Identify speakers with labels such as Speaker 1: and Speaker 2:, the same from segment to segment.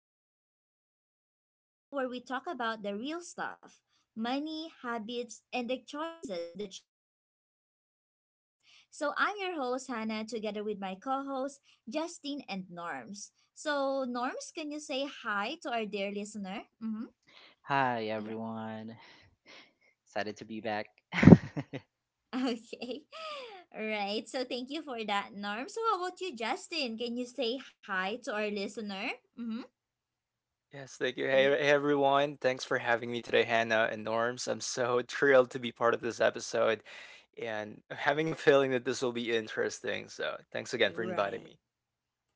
Speaker 1: and Mindset, the show where we talk about the real stuff money, habits, and the choices that shape our lives. So, I'm your host, Hannah, together with my co hosts, Justine and Norms. So, Norms, can you say hi to our dear listener? Mm-hmm.
Speaker 2: Hi
Speaker 1: Yeah.
Speaker 2: everyone, excited to be back.
Speaker 1: Okay. All right. So, thank you for that, Norms. So, how about you, Justin? Can you say hi to our listener? Mm-hmm.
Speaker 3: Yes, thank you. Hey,
Speaker 1: Yeah.
Speaker 3: hey everyone. Thanks for having me today, Hannah and Norms. I'm so thrilled to be part of this episode, and I'm having a feeling that this will be interesting. So, thanks again for inviting
Speaker 1: Right.
Speaker 3: me.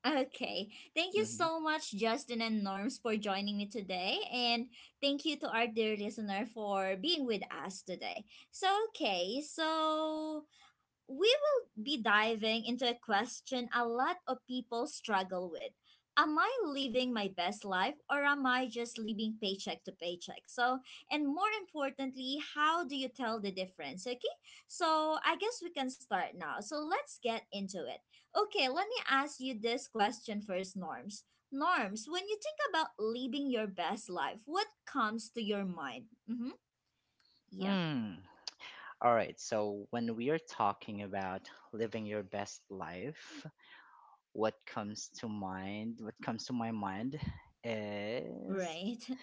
Speaker 1: Okay. Thank you
Speaker 2: Mhm.
Speaker 1: so much, Justin and Norms, for joining me today. And thank you to our dear listener for being with us today. So, okay. So, we will be diving into a question a lot of people struggle with. Am I living my best life, or am I just living paycheck to paycheck? So, and more importantly, how do you tell the difference? Okay, so I guess we can start now. So, let's get into it. Okay, let me ask you this question first, Norms. Norms, when you think about living your best life, what comes to your mind? Mm-hmm. Yeah,
Speaker 2: Mm. All right, so when we are talking about living your best life, what comes to mind? What comes to my mind is
Speaker 1: right.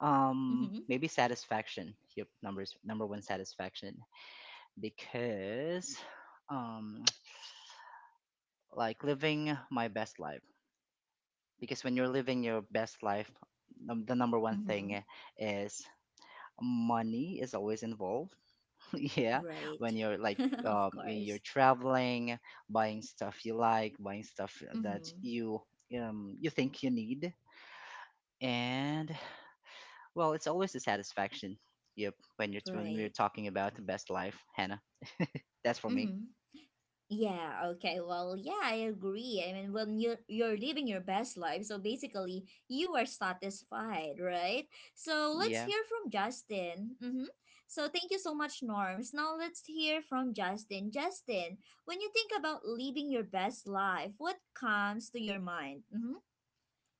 Speaker 1: Mm-hmm.
Speaker 2: maybe satisfaction. Yep, number one satisfaction because um like living my best life. Because when you're living your best life, the number one
Speaker 1: Mm-hmm.
Speaker 2: thing is money is always involved. Yeah, when
Speaker 1: Right.
Speaker 2: you're like
Speaker 1: Of
Speaker 2: you're
Speaker 1: course.
Speaker 2: traveling, buying stuff you like, buying stuff that
Speaker 1: Mm-hmm.
Speaker 2: you think you need, and well, it's always a satisfaction. Yep, when we're
Speaker 1: Right.
Speaker 2: talking about the best life, Hannah, that's for me.
Speaker 1: Mm-hmm. Yeah, okay. Well, yeah, I agree. I mean, when you're living your best life, so basically you are satisfied, right? So
Speaker 2: Mm,
Speaker 1: let's
Speaker 2: Yeah,
Speaker 1: hear from Justin. Mm-hmm. So thank you so much, Norms. Now let's hear from Justin. Justin, when you think about living your best life, what comes to your mind? Mm-hmm.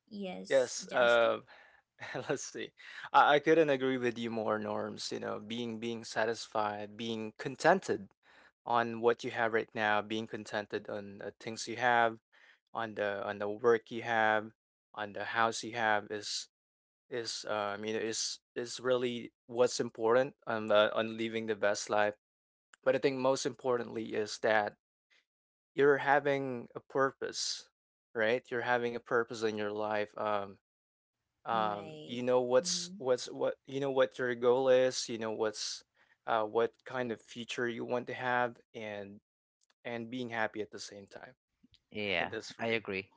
Speaker 1: Yes,
Speaker 3: Yes,
Speaker 1: Justin.
Speaker 3: Let's see. I couldn't agree with you more, Norms. You know, being satisfied, being contented on what you have right now, being contented on the things you have, on the work you have, on the house you have is you know is really what's important on on living the best life, but I think most importantly is that you're having a purpose. Right, you're having a purpose in your life. You
Speaker 1: Right.
Speaker 3: know
Speaker 1: Mm-hmm.
Speaker 3: what's what you know what your goal is, you know, what kind of future you want to have, and being happy at the same time.
Speaker 2: yeah,
Speaker 3: And that's for
Speaker 2: I
Speaker 3: me.
Speaker 2: agree.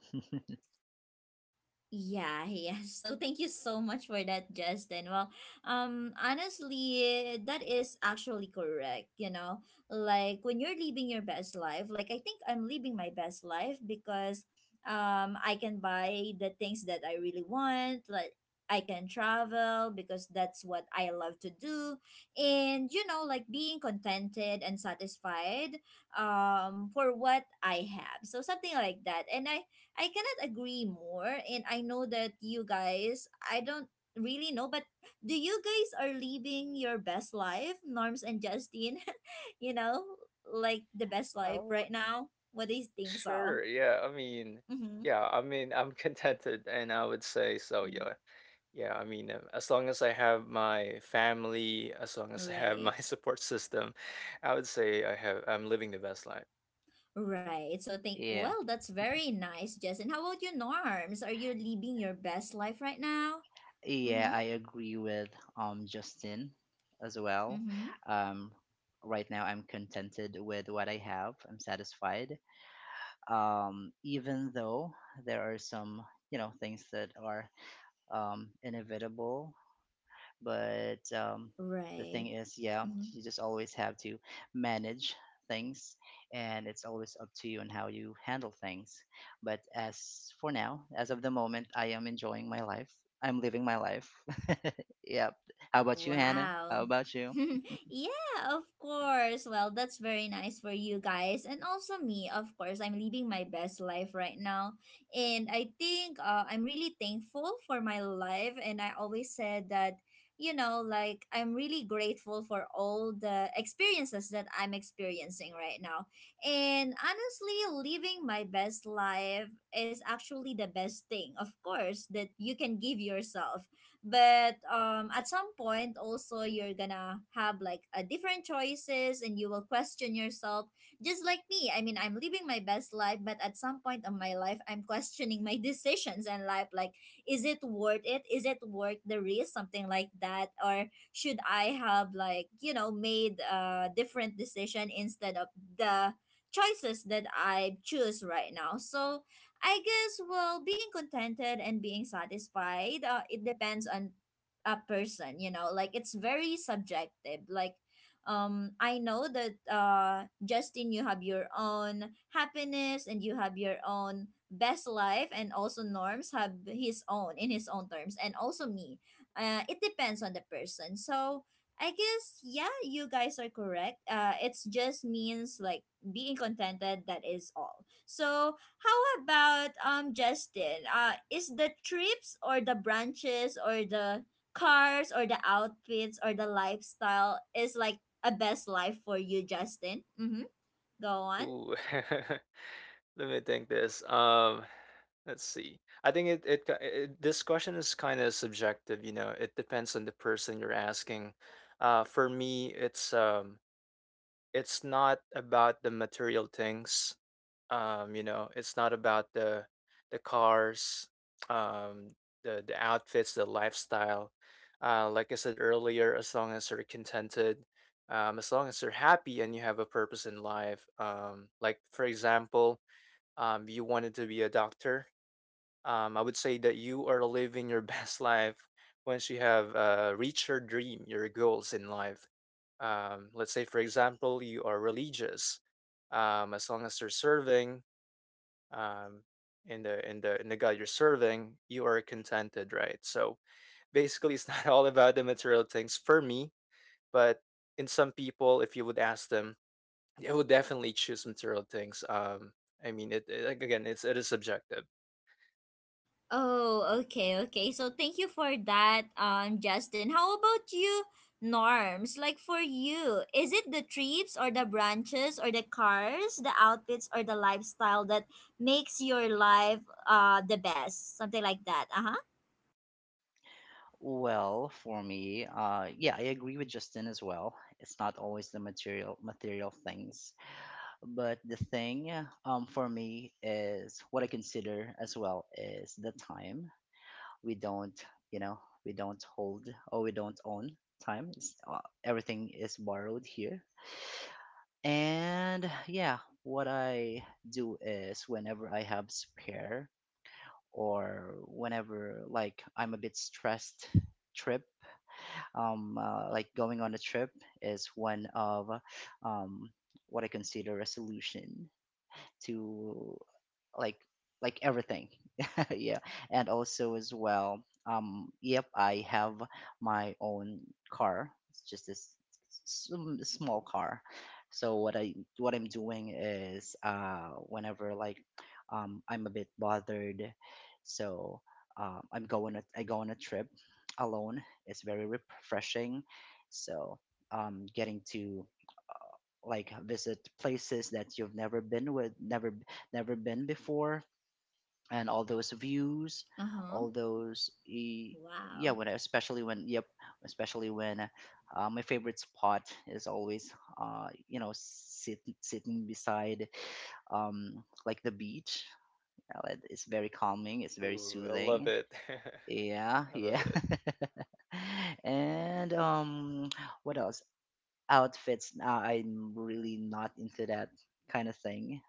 Speaker 1: Yeah, yeah. So thank you so much for that, Justin. Well, honestly, that is actually correct. You know, like when you're living your best life, like I think I'm living my best life because, I can buy the things that I really want. Like I can travel because that's what I love to do, and you know, like being contented and satisfied, for what I have. So something like that, and I cannot agree more. And I know that you guys, I don't really know, but do you guys are living your best life, Norms and Justine? You know, like the best life
Speaker 3: Oh,
Speaker 1: right now? What do you think so?
Speaker 3: sure. yeah i mean
Speaker 1: Mm-hmm.
Speaker 3: yeah i mean I'm contented, and I would say so. Yeah. Yeah, I mean, as long as I have my family, as long as I have my
Speaker 1: Right.
Speaker 3: support system, I would say I'm living the best life.
Speaker 1: Right. So think
Speaker 2: Yeah,
Speaker 1: well, that's very nice, Justin. How about you, Norms? Are you living your best life right now?
Speaker 2: yeah,
Speaker 1: Mm-hmm.
Speaker 2: I agree with Justin as well.
Speaker 1: Mm-hmm.
Speaker 2: um right now I'm contented with what I have. I'm satisfied, even though there are some things that are, inevitable. But the
Speaker 1: Right.
Speaker 2: thing is, yeah,
Speaker 1: Mm-hmm.
Speaker 2: you just always have to manage things, and it's always up to you and how you handle things. But as for now, as of the moment, I am enjoying my life, I'm living my life. Yep. How about you, Hannah?
Speaker 1: Wow.
Speaker 2: How about you?
Speaker 1: Yeah, of course. Well, that's very nice for you guys and also me. Of course, I'm living my best life right now. And I think I'm really thankful for my life, and I always said that you know, like I'm really grateful for all the experiences that I'm experiencing right now. And honestly, living my best life is actually the best thing, of course, that you can give yourself. But at some point also, you're gonna have like a different choices and you will question yourself, just like me. I mean, I'm living my best life, but at some point of my life, I'm questioning my decisions and life, like is it worth it, is it worth the risk, something like that? Or should I have like, you know, made a different decision instead of the choices that I choose right now? So I guess, well, being contented and being satisfied, it depends on a person, you know, like it's very subjective. Like, I know that, Justin, you have your own happiness and you have your own best life, and also Norms have his own in his own terms, and also me. It depends on the person. So, I guess, yeah, you guys are correct. It's just means like being contented, that is all. So, how about Justin? Is the trips or the branches or the cars or the outfits or the lifestyle is like a best life for you, Justin? Mhm. Go on.
Speaker 3: Ooh. Let me think this. Let's see. I think it, it, ki- it this question is kind of subjective, you know. It depends on the person you're asking. For me, it's not about the material things. You know, it's not about the cars, um the outfits, the lifestyle. Like I said earlier, as long as you're contented, as long as you're happy and you have a purpose in life. Like, for example, you wanted to be a doctor, I would say that you are living your best life once you have reached your dream, your goals in life. Let's say, for example, you are religious. As long as you're serving, um, in the god you're serving, you are contented, right? So basically, it's not all about the material things for me, but in some people, if you would ask them, they would definitely choose material things. I mean, it like, again, it is subjective.
Speaker 1: Oh, okay, okay. So thank you for that, Justin. How about you, Norms? Like for you, is it the trips or the branches or the cars, the outfits or the lifestyle that makes your life the best? Something like that. Uh-huh.
Speaker 2: Well, for me, yeah, I agree with Justin as well. It's not always the material things. But the thing, for me, is what I consider as well is the time. We don't, you know, we don't hold, or we don't own time. Everything is borrowed here. And yeah, what I do is whenever I have spare, or whenever, like, I'm a bit stressed, trip like going on a trip is one of, um what I consider a solution to, like like everything. Yeah. And also as well, yep, I have my own car. It's just this small car. So what I'm doing is, whenever, like, I'm a bit bothered, so I go on a trip alone. It's very refreshing. So getting to, like, visit places that you've never been with, never been before, and all those views,
Speaker 1: Uh-huh.
Speaker 2: all those y- yeah,
Speaker 1: Wow.
Speaker 2: especially when, yep, especially when my favorite spot is always, you know, sitting beside, like the beach. It's very calming, it's very
Speaker 3: Ooh, I love
Speaker 2: soothing.
Speaker 3: it.
Speaker 2: Yeah,
Speaker 3: I love
Speaker 2: yeah.
Speaker 3: it.
Speaker 2: And what else? Outfits? Nah, I'm really not into that kind of thing.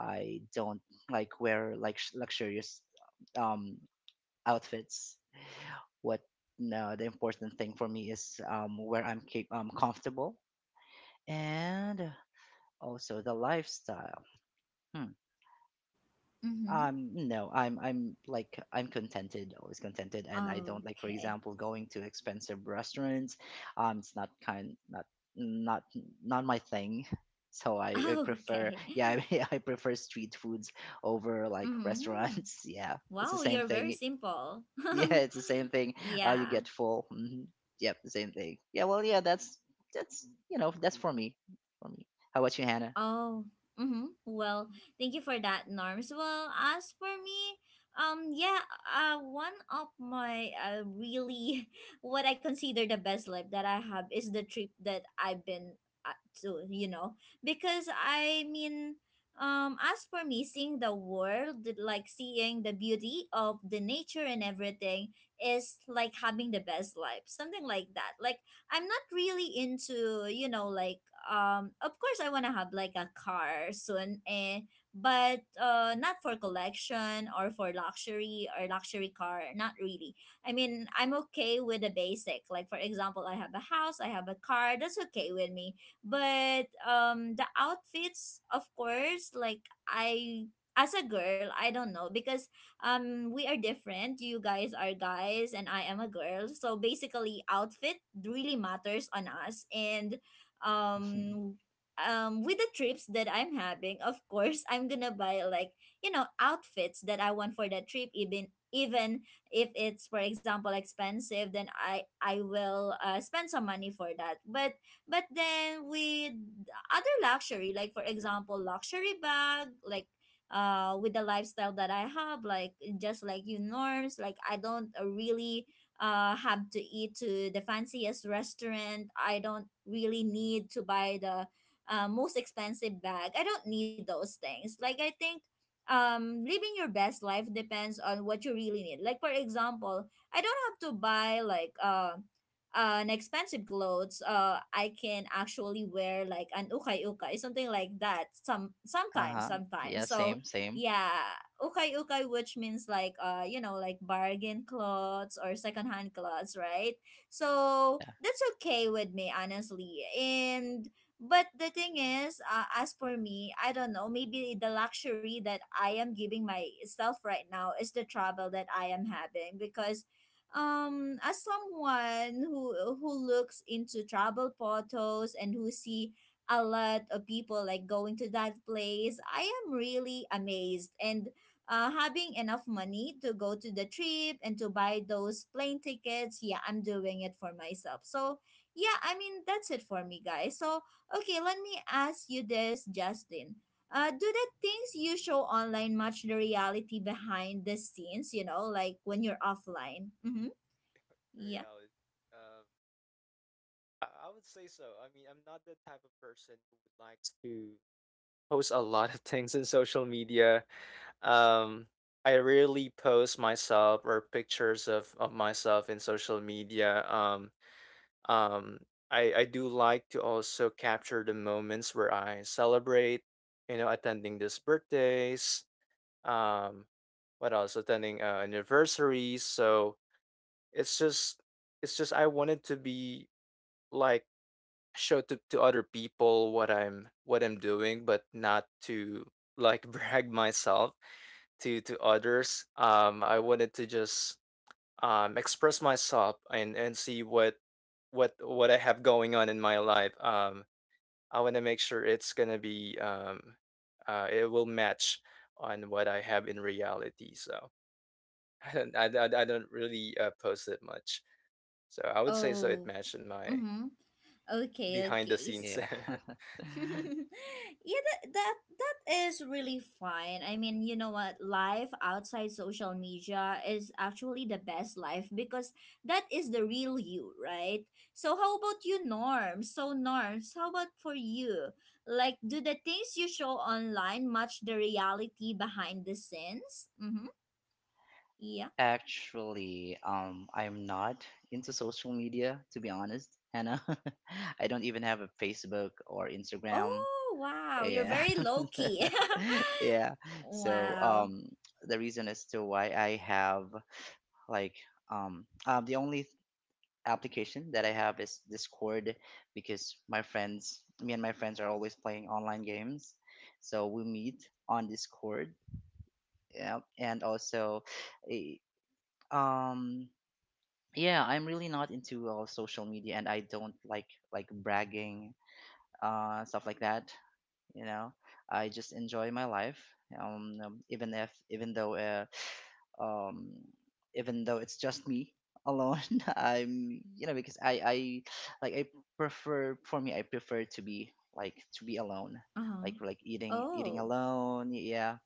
Speaker 2: I don't like wear, like, luxurious, um outfits. What? No, the important thing for me is, where I'm comfortable, and also the lifestyle. Hmm.
Speaker 1: Mm-hmm.
Speaker 2: No, I'm contented, always contented, and I don't, like, for
Speaker 1: Okay.
Speaker 2: example, going to expensive restaurants. It's not kind, not not my thing. So I prefer,
Speaker 1: Okay.
Speaker 2: yeah, I prefer street foods over like
Speaker 1: Hmm.
Speaker 2: restaurants. Yeah, it's the
Speaker 1: Wow,
Speaker 2: same
Speaker 1: you're very
Speaker 2: thing.
Speaker 1: simple.
Speaker 2: Yeah, it's the same thing. You
Speaker 1: Yeah.
Speaker 2: get full. Hmm. Yep, the same thing. Yeah, well, yeah, that's you know that's for me. For me. How about you, Hannah?
Speaker 1: Oh, mm-hmm. Well, thank you for that, Norms. Well, as for me, yeah, one of my really what I consider the best life that I have is the trip that I've been to, you know, because I mean, as for me, seeing the world, like seeing the beauty of the nature and everything, is like having the best life, something like that. Like I'm not really into, you know, like of course I wanna have like a car soon eh, but not for collection or for luxury or luxury car, not really. I mean, I'm okay with the basic, like for example, I have a house, I have a car, that's okay with me. But the outfits, of course, like I, as a girl, I don't know, because we are different, you guys are guys and I am a girl, so basically outfit really matters on us. And um with the trips that I'm having, of course, I'm gonna buy like, you know, outfits that I want for that trip, even even if it's for example expensive, then I will spend some money for that. But then with other luxury, like for example luxury bag, like with the lifestyle that I have, like just like you Norms, like I don't really have to eat to the fanciest restaurant. I don't really need to buy the most expensive bag. I don't need those things. Like I think living your best life depends on what you really need. Like for example, I don't have to buy like an expensive clothes. I can actually wear like an ukay ukay, something like that. Some
Speaker 2: Uh
Speaker 1: sometimes
Speaker 2: huh. Yeah,
Speaker 1: sometimes so
Speaker 2: same, same.
Speaker 1: yeah, ukay ukay, which means like you know, like bargain clothes or secondhand clothes, right? So
Speaker 2: Yeah,
Speaker 1: that's okay with me, honestly. And but the thing is, as for me, I don't know, maybe the luxury that I am giving myself right now is the trouble that I am having. Because as someone who looks into travel photos and who see a lot of people like going to that place, I am really amazed. And having enough money to go to the trip and to buy those plane tickets, yeah, I'm doing it for myself. So yeah, I mean, that's it for me, guys. So okay, let me ask you this, Justin. Do the things you show online match the reality behind the scenes? You know, like when you're offline. Mm-hmm. Yeah.
Speaker 3: Reality. I would say so. I mean, I'm not the type of person who would like to post a lot of things in social media. Um, I rarely post myself or pictures of myself in social media. Um, I do like to also capture the moments where I celebrate, you know, attending these birthdays, um, what else? Attending, anniversaries. So it's just, it's just, I wanted to be, like, show to other people what I'm doing, but not to, like, brag myself to others. I wanted to just express myself and see what I have going on in my life. I want to make sure it's gonna be it will match on what I have in reality. So I don't really post it much. So I would say so it
Speaker 1: Oh.
Speaker 3: matched in my
Speaker 1: Mm-hmm. Okay.
Speaker 3: behind the
Speaker 1: Okay.
Speaker 3: scenes.
Speaker 2: yeah.
Speaker 1: Yeah, that is really fine. I mean, you know what? Life outside social media is actually the best life because that is the real you, right? So how about you, Norms? So Norms, how about for you? Like, do the things you show online match the reality behind the scenes? Mm-hmm. Yeah.
Speaker 2: Actually, I'm not into social media, to be honest, Hannah. I don't even have a Facebook or Instagram.
Speaker 1: Oh wow, you're
Speaker 2: Yeah,
Speaker 1: very low key.
Speaker 2: yeah. So
Speaker 1: Wow.
Speaker 2: the reason as to why I have like the only application that I have is Discord, because me and my friends are always playing online games. So we meet on Discord. Yeah, and also, eh, um, yeah, I'm really not into, social media, and I don't like bragging, stuff like that. You know, I just enjoy my life. Even if even though um, Even though it's just me alone, I'm, you know, because I like I prefer, for me I prefer to be, like, to be alone.
Speaker 1: Uh huh.
Speaker 2: Like eating
Speaker 1: Oh.
Speaker 2: alone, yeah,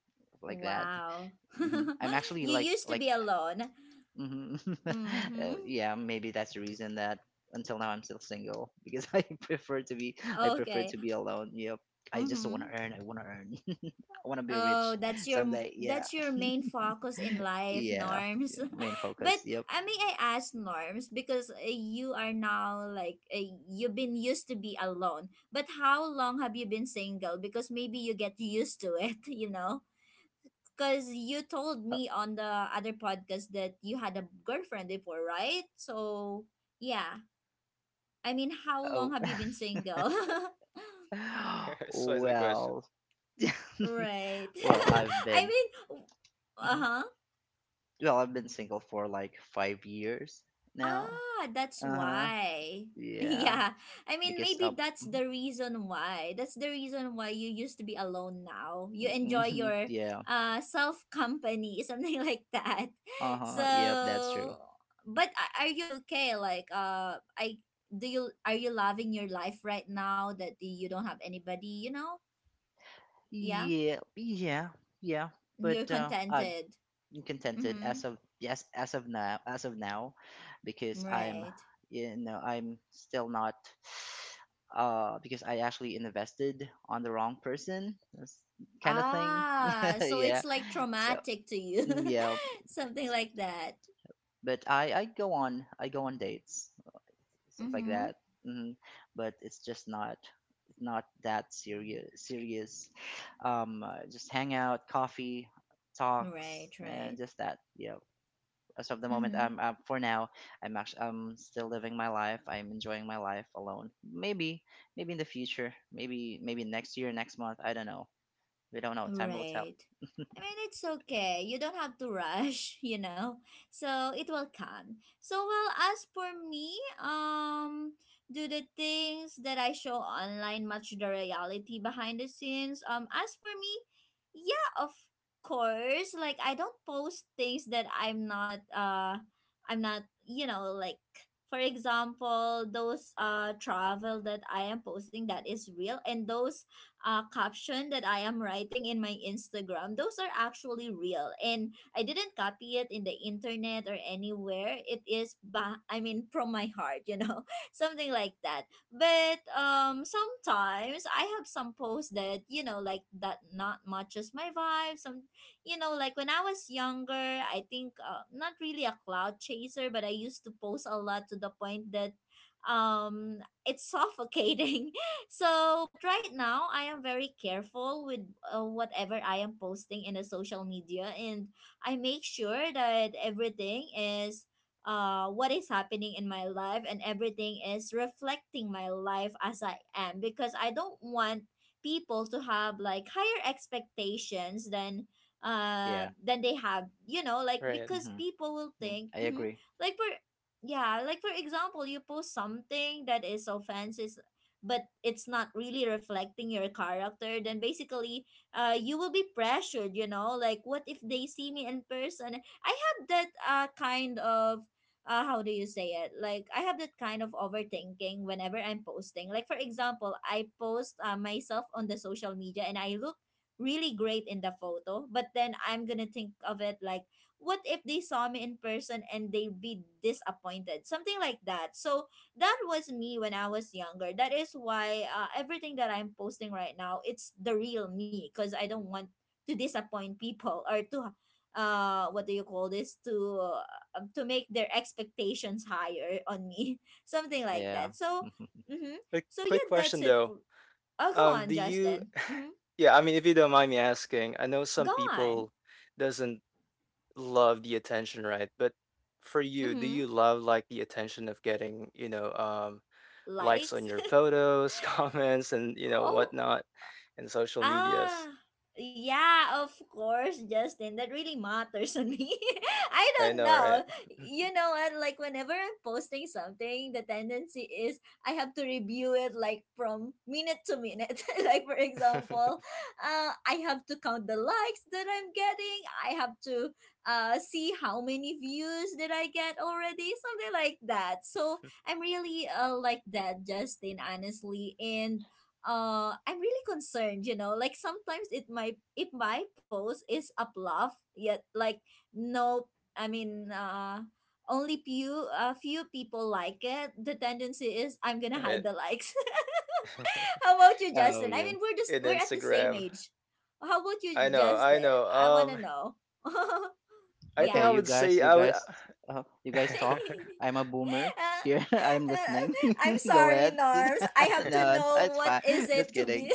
Speaker 2: like that.
Speaker 1: Wow.
Speaker 2: Hmm. I'm actually
Speaker 1: You
Speaker 2: like,
Speaker 1: used to be alone.
Speaker 2: hmm
Speaker 1: Mm-hmm.
Speaker 2: uh, yeah, maybe that's the reason that until now I'm still single, because I prefer
Speaker 1: Okay.
Speaker 2: to be alone. Yep.
Speaker 1: Mm-hmm.
Speaker 2: I want to earn, I want to be
Speaker 1: Oh,
Speaker 2: rich someday. Yeah.
Speaker 1: that's your main focus in life,
Speaker 2: Yeah,
Speaker 1: Norms.
Speaker 2: main
Speaker 1: But
Speaker 2: focus. Yep.
Speaker 1: I mean, I asked Norms because you are now like you've been used to be alone. But how long have you been single? Because maybe you get used to it, you know. Because you told me on the other podcast that you had a girlfriend before, right? So yeah. I mean, how long
Speaker 2: Oh,
Speaker 1: have you been single?
Speaker 3: So that's the question.
Speaker 2: well,
Speaker 1: Right.
Speaker 2: I've
Speaker 1: I
Speaker 2: been,
Speaker 1: mean, uh
Speaker 2: mhm.
Speaker 1: huh.
Speaker 2: Well, I've been single for like 5 years now.
Speaker 1: Ah, that's
Speaker 2: Uh huh.
Speaker 1: why.
Speaker 2: Yeah,
Speaker 1: Yeah. I mean,
Speaker 2: because
Speaker 1: maybe that's the reason why. That's the reason why you used to be alone now. You enjoy your
Speaker 2: yeah.
Speaker 1: self company, something like that.
Speaker 2: Uh
Speaker 1: So,
Speaker 2: huh. Yep, that's true.
Speaker 1: but a- are you okay? Like, I do you, are you loving your life right now that you don't have anybody? You know? Yeah.
Speaker 2: Yeah, yeah, yeah.
Speaker 1: You're
Speaker 2: But I
Speaker 1: contented.
Speaker 2: contented
Speaker 1: Mm-hmm.
Speaker 2: as of yes, as of now, because I'm
Speaker 1: Right.
Speaker 2: you know I'm still not, because I actually invested on the wrong person. That's kind of thing.
Speaker 1: Ah, so
Speaker 2: Yeah,
Speaker 1: it's like
Speaker 2: so
Speaker 1: traumatic to you.
Speaker 2: yeah,
Speaker 1: Something like that.
Speaker 2: but I go on dates, stuff like
Speaker 1: Mm-hmm.
Speaker 2: that. Hmm. But it's just not, that serious, just hang out, coffee talks,
Speaker 1: Right,
Speaker 2: and
Speaker 1: right.
Speaker 2: just that. Yeah, as of the moment,
Speaker 1: Mm-hmm.
Speaker 2: I'm for now, I'm still living my life. I'm enjoying my life alone. Maybe in the future. Maybe next year, next month, I don't know. We don't know, time will tell.
Speaker 1: Right. I mean, it's okay. You don't have to rush, you know. So it will come. So well, as for me, um, do the things that I show online match the reality behind the scenes? As for me, yeah, of course. Like I don't post things that I'm not. I'm not. You know, like for example, those travel that I am posting, that is real, and those caption that I am writing in my Instagram, those are actually real. And I didn't copy it in the internet or anywhere. It is, ba- I mean, from my heart, you know, something like that. But sometimes I have some posts that, you know, like that not matches my vibe. Some, like when I was younger, I think not really a cloud chaser, but I used to post a lot to the point that um it's suffocating. So but right now I am very careful with whatever I am posting in the social media. And I make sure that everything is what is happening in my life, and everything is reflecting my life as I am, because I don't want people to have like higher expectations
Speaker 2: Yeah.
Speaker 1: than they have, you know, like
Speaker 3: Right.
Speaker 1: because people will
Speaker 2: Mm-hmm.
Speaker 1: think,
Speaker 2: I
Speaker 1: hmm,
Speaker 2: agree.
Speaker 1: like for yeah, like for example, you post something that is so fancy but it's not really reflecting your character, then basically you will be pressured, you know, like what if they see me in person. I have that kind of how do you say it? Like I have that kind of overthinking whenever I'm posting. Like for example, I post myself on the social media and I look really great in the photo, but then I'm gonna think of it like, what if they saw me in person and they'd be disappointed? Something like that. So that was me when I was younger. That is why everything that I'm posting right now, it's the real me, because I don't want to disappoint people or to what do you call this, to make their expectations higher on me. Something like
Speaker 2: Yeah.
Speaker 1: that. So, mhm.
Speaker 3: A
Speaker 1: So
Speaker 3: quick
Speaker 1: yeah,
Speaker 3: question
Speaker 1: that's it
Speaker 3: though.
Speaker 1: for. Oh, go
Speaker 3: Um,
Speaker 1: on,
Speaker 3: do you?
Speaker 1: Justin. Mhm.
Speaker 3: Yeah, I mean, if you don't mind me asking, I know some
Speaker 1: Go on.
Speaker 3: people doesn't love the attention, right? But for you, do you
Speaker 1: Mhm.
Speaker 3: love, like, the attention of getting, you know, likes on
Speaker 1: Likes.
Speaker 3: your photos, comments, and you know
Speaker 1: Oh,
Speaker 3: whatnot, and social medias?
Speaker 1: ah, yeah, of course, Justin. That really matters on me. I
Speaker 3: I
Speaker 1: don't
Speaker 3: know, right?
Speaker 1: know. You know what? Like, whenever I'm posting something, the tendency is I have to review it, like, from minute to minute. Like, for example, I have to count the likes that I'm getting. I have to see how many views did I get already, something like that. So, I'm really like that, Justin, honestly. And I'm really concerned, you know, like sometimes it might, if my post is up love yet, like no, I mean, only few, a few people like it, the tendency is I'm gonna
Speaker 3: Right.
Speaker 1: hide the likes. How about you,
Speaker 2: Oh
Speaker 1: Justin? I
Speaker 2: yeah.
Speaker 1: mean, we're just
Speaker 3: In
Speaker 1: we're at the same
Speaker 3: Instagram.
Speaker 1: age. How about
Speaker 3: I
Speaker 1: you,
Speaker 3: know, I
Speaker 1: Justin?
Speaker 3: know.
Speaker 1: I wanna know.
Speaker 3: I think
Speaker 2: Okay,
Speaker 3: I
Speaker 1: Yeah.
Speaker 3: would say I would.
Speaker 2: you guys talk. I'm a boomer
Speaker 1: Uh,
Speaker 2: here. I'm
Speaker 1: uh,
Speaker 2: listening.
Speaker 1: I'm
Speaker 2: Go
Speaker 1: sorry,
Speaker 2: ahead.
Speaker 1: Norms, I have to
Speaker 2: No, no,
Speaker 1: know
Speaker 2: it's
Speaker 1: what
Speaker 2: fine.
Speaker 1: is it
Speaker 2: Just
Speaker 1: to be.
Speaker 2: kidding.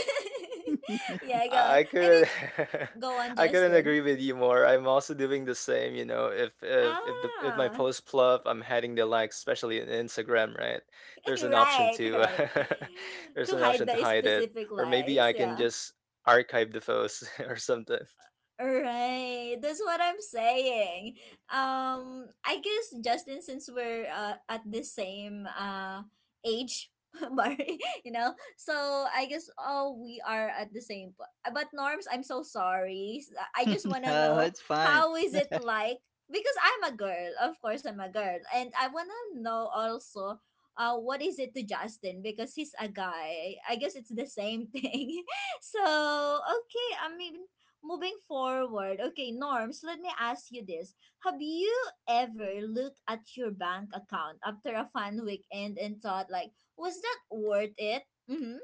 Speaker 1: Yeah, go on,
Speaker 3: I
Speaker 1: I
Speaker 3: couldn't
Speaker 1: mean. Go on,
Speaker 3: I couldn't
Speaker 1: Justin.
Speaker 3: agree with you more. I'm also doing the same, you know, if the if my
Speaker 1: Ah,
Speaker 3: post fluff, I'm heading the likes, especially in Instagram, right? There's an option
Speaker 1: right,
Speaker 3: to
Speaker 1: right.
Speaker 3: there's
Speaker 1: To
Speaker 3: an
Speaker 1: hide
Speaker 3: option to
Speaker 1: the
Speaker 3: hide it.
Speaker 1: specific
Speaker 3: Or maybe
Speaker 1: likes,
Speaker 3: I can
Speaker 1: yeah.
Speaker 3: just archive the post or something.
Speaker 1: Right, that's what I'm saying. I guess Justin, since we're at the same age, bar, you know, so I guess all we are at the same. But Norms, I'm so sorry. I just wanna
Speaker 2: No,
Speaker 1: know
Speaker 2: it's fine.
Speaker 1: how is it like, because I'm a girl. Of course, I'm a girl, and I wanna know also. What is it to Justin? Because he's a guy. I guess it's the same thing. So okay, I mean moving forward, okay, Norms, let me ask you this. Have you ever looked at your bank account after a fun weekend and thought, like, was that worth it? Mm-hmm.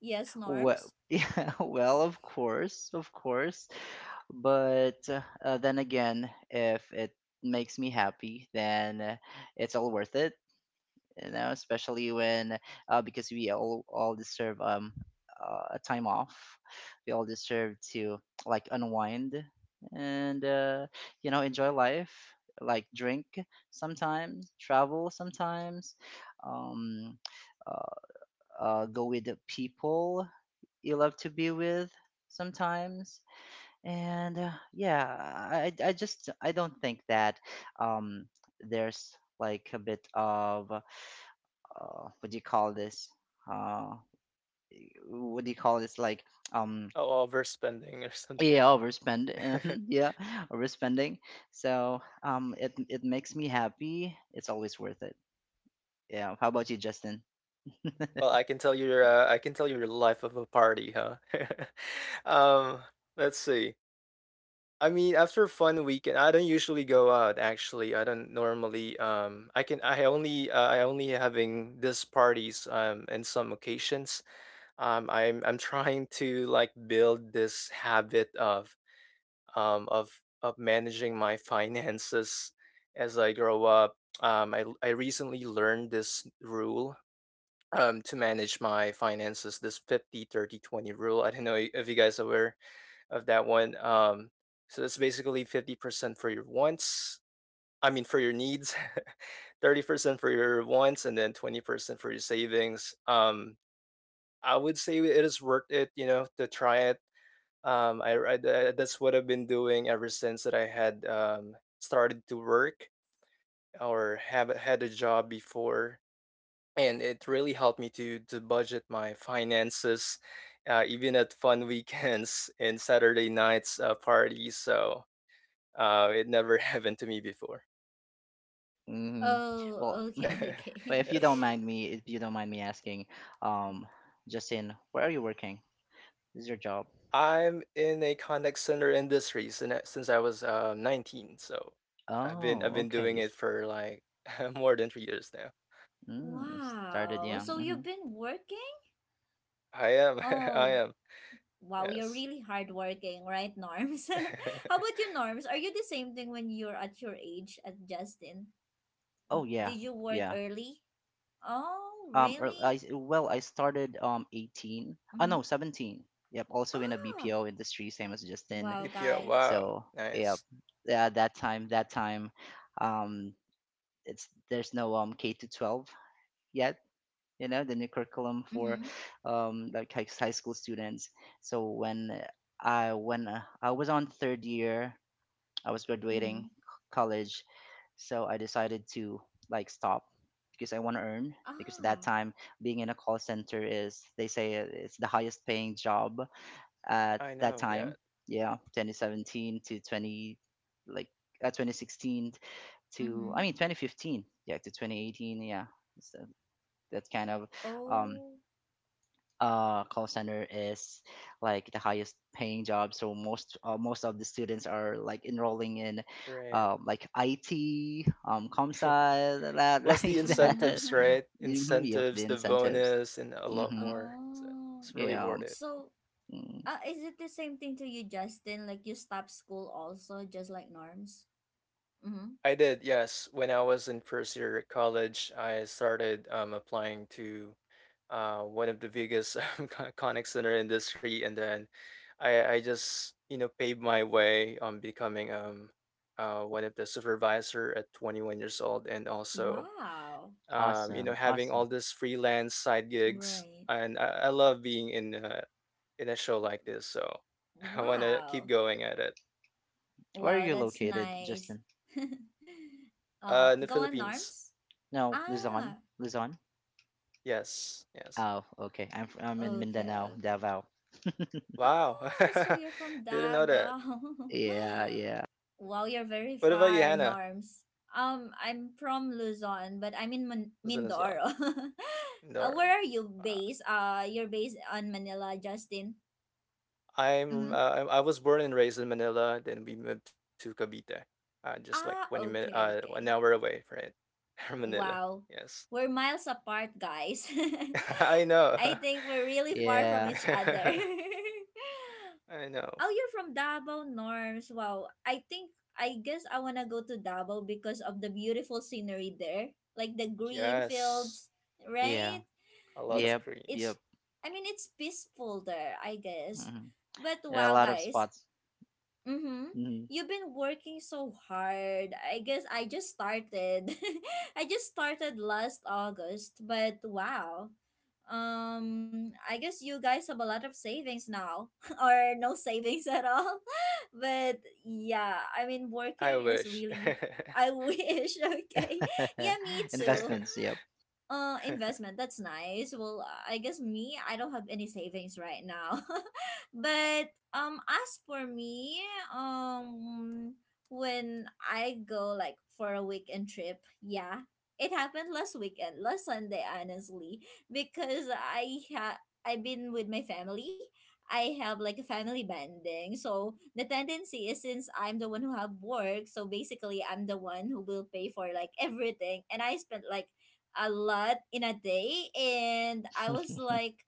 Speaker 1: Yes,
Speaker 2: Well,
Speaker 1: Norms.
Speaker 2: yeah, well, of course, of course. But then again, if it makes me happy, then it's all worth it, you know, especially when, because we all deserve, a time off. We all deserve to, like, unwind, and, enjoy life, like drink sometimes, travel sometimes, um uh, go with the people you love to be with sometimes, and, yeah, I, I just I don't think that, um there's like a bit of, what do you call this, uh what do you call this, like, um
Speaker 3: Oh, overspending or something.
Speaker 2: yeah, overspend. Yeah, overspending. So it makes me happy, it's always worth it. Yeah. How about you, Justin?
Speaker 3: Well, I can tell you your life of a party, huh? um, let's see. I mean, after a fun weekend, I don't usually go out, actually. I don't normally I only having these parties in some occasions. I'm trying to, like, build this habit of managing my finances as I grow up. I recently learned this rule, to manage my finances, this 50/30/20 rule. I don't know if you guys are aware of that one. So that's basically 50% for your wants. I mean, for your needs, 30% for your wants, and then 20% for your savings. I would say it is worth it, you know, to try it. Um, I, I- that's what I've been doing ever since that I had, started to work or have had a job before. And it really helped me to budget my finances, even at fun weekends and Saturday nights, parties. So, it never happened to me before.
Speaker 2: Hmm. Well,
Speaker 1: Oh, okay,
Speaker 2: but
Speaker 1: okay.
Speaker 3: Yes,
Speaker 2: if you don't mind me asking, um Justin, where are you working? This is your job.
Speaker 3: I'm in a contact center industry since I was, 19, so I've been I've
Speaker 2: Oh,
Speaker 3: been
Speaker 2: okay.
Speaker 3: doing it for like more than 3 years now.
Speaker 2: Mm, Started
Speaker 1: Wow.
Speaker 2: young.
Speaker 1: So
Speaker 2: Hmm.
Speaker 1: you've been working?
Speaker 3: I am. I
Speaker 1: Oh,
Speaker 3: am.
Speaker 1: wow. You're
Speaker 3: Yes.
Speaker 1: really hardworking, right, Norms? How about you, Norms? Are you the same thing when you're at your age at Justin?
Speaker 2: Oh yeah,
Speaker 1: Did you work
Speaker 2: yeah.
Speaker 1: early? Oh,
Speaker 2: Or
Speaker 1: really?
Speaker 2: well, I started 18. Ah no,
Speaker 1: Mm-hmm.
Speaker 2: 17. Yep, also in a
Speaker 1: Ah,
Speaker 2: BPO industry, same as Justin.
Speaker 1: wow,
Speaker 3: BPO.
Speaker 1: guys.
Speaker 3: Wow,
Speaker 2: So yep,
Speaker 3: nice.
Speaker 2: yeah, that time, um, it's there's no K to 12 yet. You know the new curriculum for
Speaker 1: Mhm.
Speaker 2: like high school students. So when, I was on third year, I was graduating
Speaker 1: Mhm.
Speaker 2: college. So I decided to, like, stop because I want to earn. Because at that
Speaker 1: Ah.
Speaker 2: time, being in a call center is they say, it's the highest paying job at
Speaker 3: I
Speaker 2: that
Speaker 3: know. Yeah,
Speaker 2: time. Yeah, 2017 to 20, like, 2016 to, I
Speaker 1: Mhm.
Speaker 2: mean, 2015. Yeah, to 2018. Yeah, so that kind of um
Speaker 1: Oh.
Speaker 2: call center is like the highest paying job, so most of the students are, like, enrolling in
Speaker 3: great.
Speaker 2: like IT, comp sci, that,
Speaker 3: Plus the
Speaker 2: like that.
Speaker 1: Mhm.
Speaker 3: incentives, right?
Speaker 2: Hmm. Yep, the
Speaker 3: Incentives, the
Speaker 2: incentives.
Speaker 3: bonus, and a lot
Speaker 2: Mm-hmm.
Speaker 3: more. So
Speaker 1: Oh.
Speaker 3: it's really
Speaker 2: Yeah.
Speaker 3: worth.
Speaker 1: So,
Speaker 2: Mm.
Speaker 1: is it the same thing to you, Justin? Like you stop school also, just like Norms? Mhm.
Speaker 3: I did, yes. When I was in first year at college, I started, applying to, one of the biggest contact center industry, and then I just, you know, paved my way on becoming one of the supervisor at 21 years old, and also,
Speaker 1: Wow.
Speaker 3: you know,
Speaker 2: Awesome,
Speaker 3: having
Speaker 2: awesome.
Speaker 3: all this freelance side gigs,
Speaker 1: Right.
Speaker 3: and I love being in a show like this, so I want to
Speaker 1: Wow.
Speaker 3: keep going at it.
Speaker 2: Where are
Speaker 1: Wow,
Speaker 2: you
Speaker 1: that's
Speaker 2: located,
Speaker 1: nice.
Speaker 2: Justin?
Speaker 1: Oh,
Speaker 3: In the
Speaker 1: go on,
Speaker 3: Philippines.
Speaker 1: Norms?
Speaker 2: No, Luzon,
Speaker 1: Ah.
Speaker 2: Luzon.
Speaker 3: Yes, yes.
Speaker 2: Oh okay, I'm in
Speaker 1: Okay,
Speaker 2: Mindanao,
Speaker 1: okay.
Speaker 2: Davao.
Speaker 3: Wow.
Speaker 1: Oh, so you're from
Speaker 3: Didn't know that.
Speaker 1: Davao.
Speaker 2: Yeah, yeah,
Speaker 1: Wow, you're very
Speaker 3: What about you,
Speaker 1: far,
Speaker 3: Hannah?
Speaker 1: Norms. I'm from Luzon, but I'm in Man-
Speaker 3: Listen as well.
Speaker 1: Mindoro. Where
Speaker 3: No.
Speaker 1: are you
Speaker 3: Uh,
Speaker 1: based? You're based on Manila, Justin.
Speaker 3: I'm
Speaker 1: Mm-hmm.
Speaker 3: uh, I I was born and raised in Manila, then we moved to Cavite. Just like 20
Speaker 1: Ah,
Speaker 3: minutes,
Speaker 1: okay,
Speaker 3: an hour
Speaker 1: okay.
Speaker 3: away, right? From Manila.
Speaker 1: Wow,
Speaker 3: Yes.
Speaker 1: we're miles apart, guys.
Speaker 3: I know.
Speaker 1: I think we're really far from
Speaker 2: yeah,
Speaker 1: each other.
Speaker 3: I know.
Speaker 1: Oh, you're from Davao, Norms. Wow. I think I guess I wanna go to Davao because of the beautiful scenery there, like the green
Speaker 3: Yes.
Speaker 1: fields,
Speaker 2: yeah.
Speaker 1: right?
Speaker 3: A lot
Speaker 1: It's
Speaker 3: of
Speaker 2: Yep,
Speaker 1: it's
Speaker 2: yep.
Speaker 3: greens.
Speaker 1: I mean it's peaceful there, I guess.
Speaker 2: Hmm,
Speaker 1: But
Speaker 2: there are a
Speaker 1: wow,
Speaker 2: lot of
Speaker 1: guys.
Speaker 2: spots.
Speaker 1: Mm-hmm.
Speaker 2: Mhm.
Speaker 1: You've been working so hard. I guess I just started. I just started last August, but wow. I guess you guys have a lot of savings now, or no savings at all. But yeah, I mean,
Speaker 3: I
Speaker 1: working is
Speaker 3: wish.
Speaker 1: really. I wish, okay? Yeah, me too.
Speaker 2: Investments, yep.
Speaker 1: Investment. That's nice. Well, I guess me, I don't have any savings right now. But as for me, um, when I go like for a weekend trip, yeah, it happened last weekend, last Sunday, honestly, because I've been with my family. I have like a family bonding, so the tendency is since I'm the one who have work, so basically I'm the one who will pay for like everything, and I spent like a lot in a day, and I was like,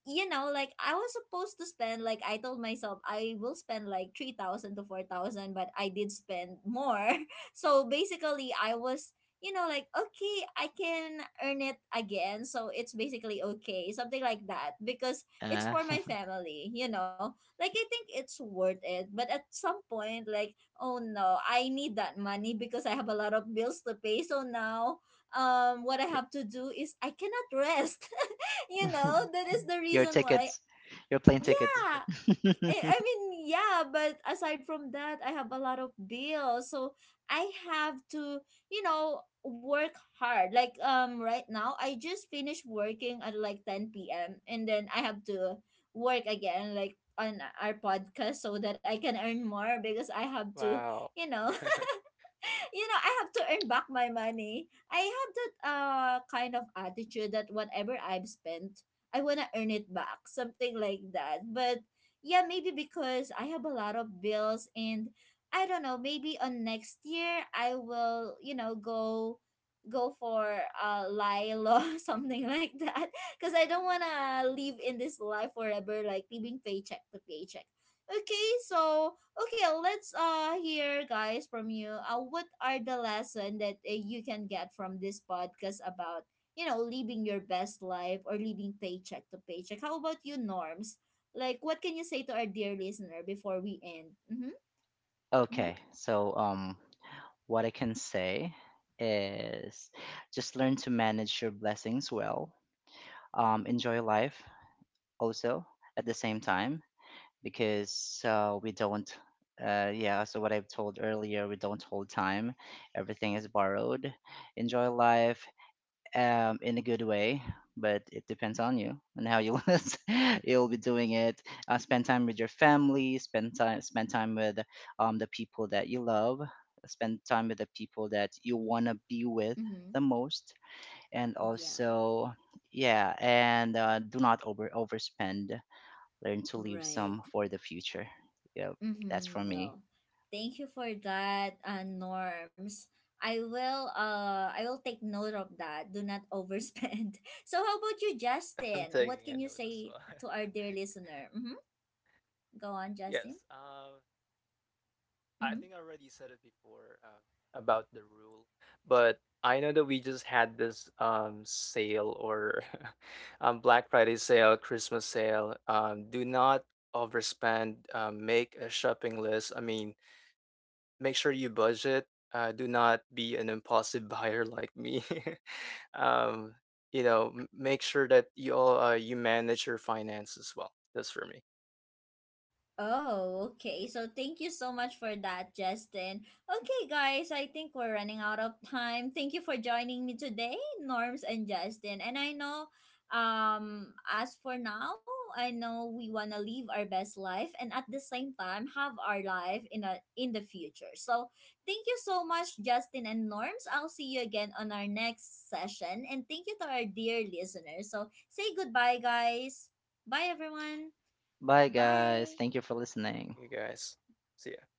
Speaker 1: you know, like I was supposed to spend, like I told myself I will spend like 3,000 to 4,000 but I did spend more. So basically I was, you know, like okay, I can earn it again. So it's basically okay, something like that, because it's
Speaker 2: uh,
Speaker 1: for my family, you know. Like I think it's worth it, but at some point like oh no, I need that money because I have a lot of bills to pay. So now what I
Speaker 2: y-
Speaker 1: have to do is I cannot rest. You know, that is the
Speaker 2: your
Speaker 1: reason why.
Speaker 2: tickets, your plane tickets.
Speaker 1: Yeah, I mean, yeah, but aside from that, I have a lot of bills. So I have to, you know, work hard. Like right now, I just finished working at like 10 p.m. and then I have to work again like on our podcast so that I can earn more because I have to,
Speaker 3: Wow.
Speaker 1: you know, you know, I have to earn back my money. I have that kind of attitude that whatever I've spent, I wanna earn it back, something like that. But yeah, maybe because I have a lot of bills, and I don't know, maybe on next year I will, you know, go for lilo something like that, because I don't want to live in this life forever, like living paycheck to paycheck. Okay, so okay, let's hear, guys, from you. What are the lesson that you can get from this podcast about, you know, living your best life or living paycheck to paycheck? How about you, Norms? Like, what can you say to our dear listener before we end? Mm-hmm. Mm-hmm.
Speaker 2: Okay, so what I can say is just learn to manage your blessings well. Enjoy life also at the same time, because, we don't, yeah, so what I've told earlier, we don't hold time. Everything is borrowed. Enjoy life, in a good way, but it depends on you and how you want you'll be doing it. Spend time with your family, spend time with, the people that you love, spend time with the people that you want to be with the
Speaker 1: Mm-hmm.
Speaker 2: most, and
Speaker 1: Yeah.
Speaker 2: also yeah, and do not overspend. Learn to leave some
Speaker 1: Right.
Speaker 2: for the future. Yep, that's for
Speaker 1: Mm-hmm.
Speaker 2: me.
Speaker 1: Well, thank you for that, Norms. I will I will take note of that. Do not overspend. So how about you,
Speaker 3: I'm
Speaker 1: Justin?
Speaker 3: taking
Speaker 1: What
Speaker 3: a
Speaker 1: can you
Speaker 3: note as well.
Speaker 1: say to our dear listener? Mm-hmm. Go on, Justin.
Speaker 3: Yes. I
Speaker 1: Mm-hmm.
Speaker 3: think I already said it before, about the rule, but I know that we just had this, sale, or Black Friday sale, Christmas sale. Do not overspend. Make a shopping list. I mean, make sure you budget. Do not be an impulsive buyer like me. um, you know, make sure that you all, you manage your finance as well. That's for me.
Speaker 1: Oh, okay. So thank you so much for that, Justin. Okay, guys, I think we're running out of time. Thank you for joining me today, Norms and Justin. And I know as for now, I know we want to live our best life and at the same time have our life in a in the future. So, thank you so much Justin and Norms. I'll see you again on our next session, and thank you to our dear listeners. So, say goodbye, guys. Bye everyone.
Speaker 2: Bye, guys.
Speaker 1: Bye.
Speaker 2: Thank you for listening.
Speaker 3: You guys, see ya.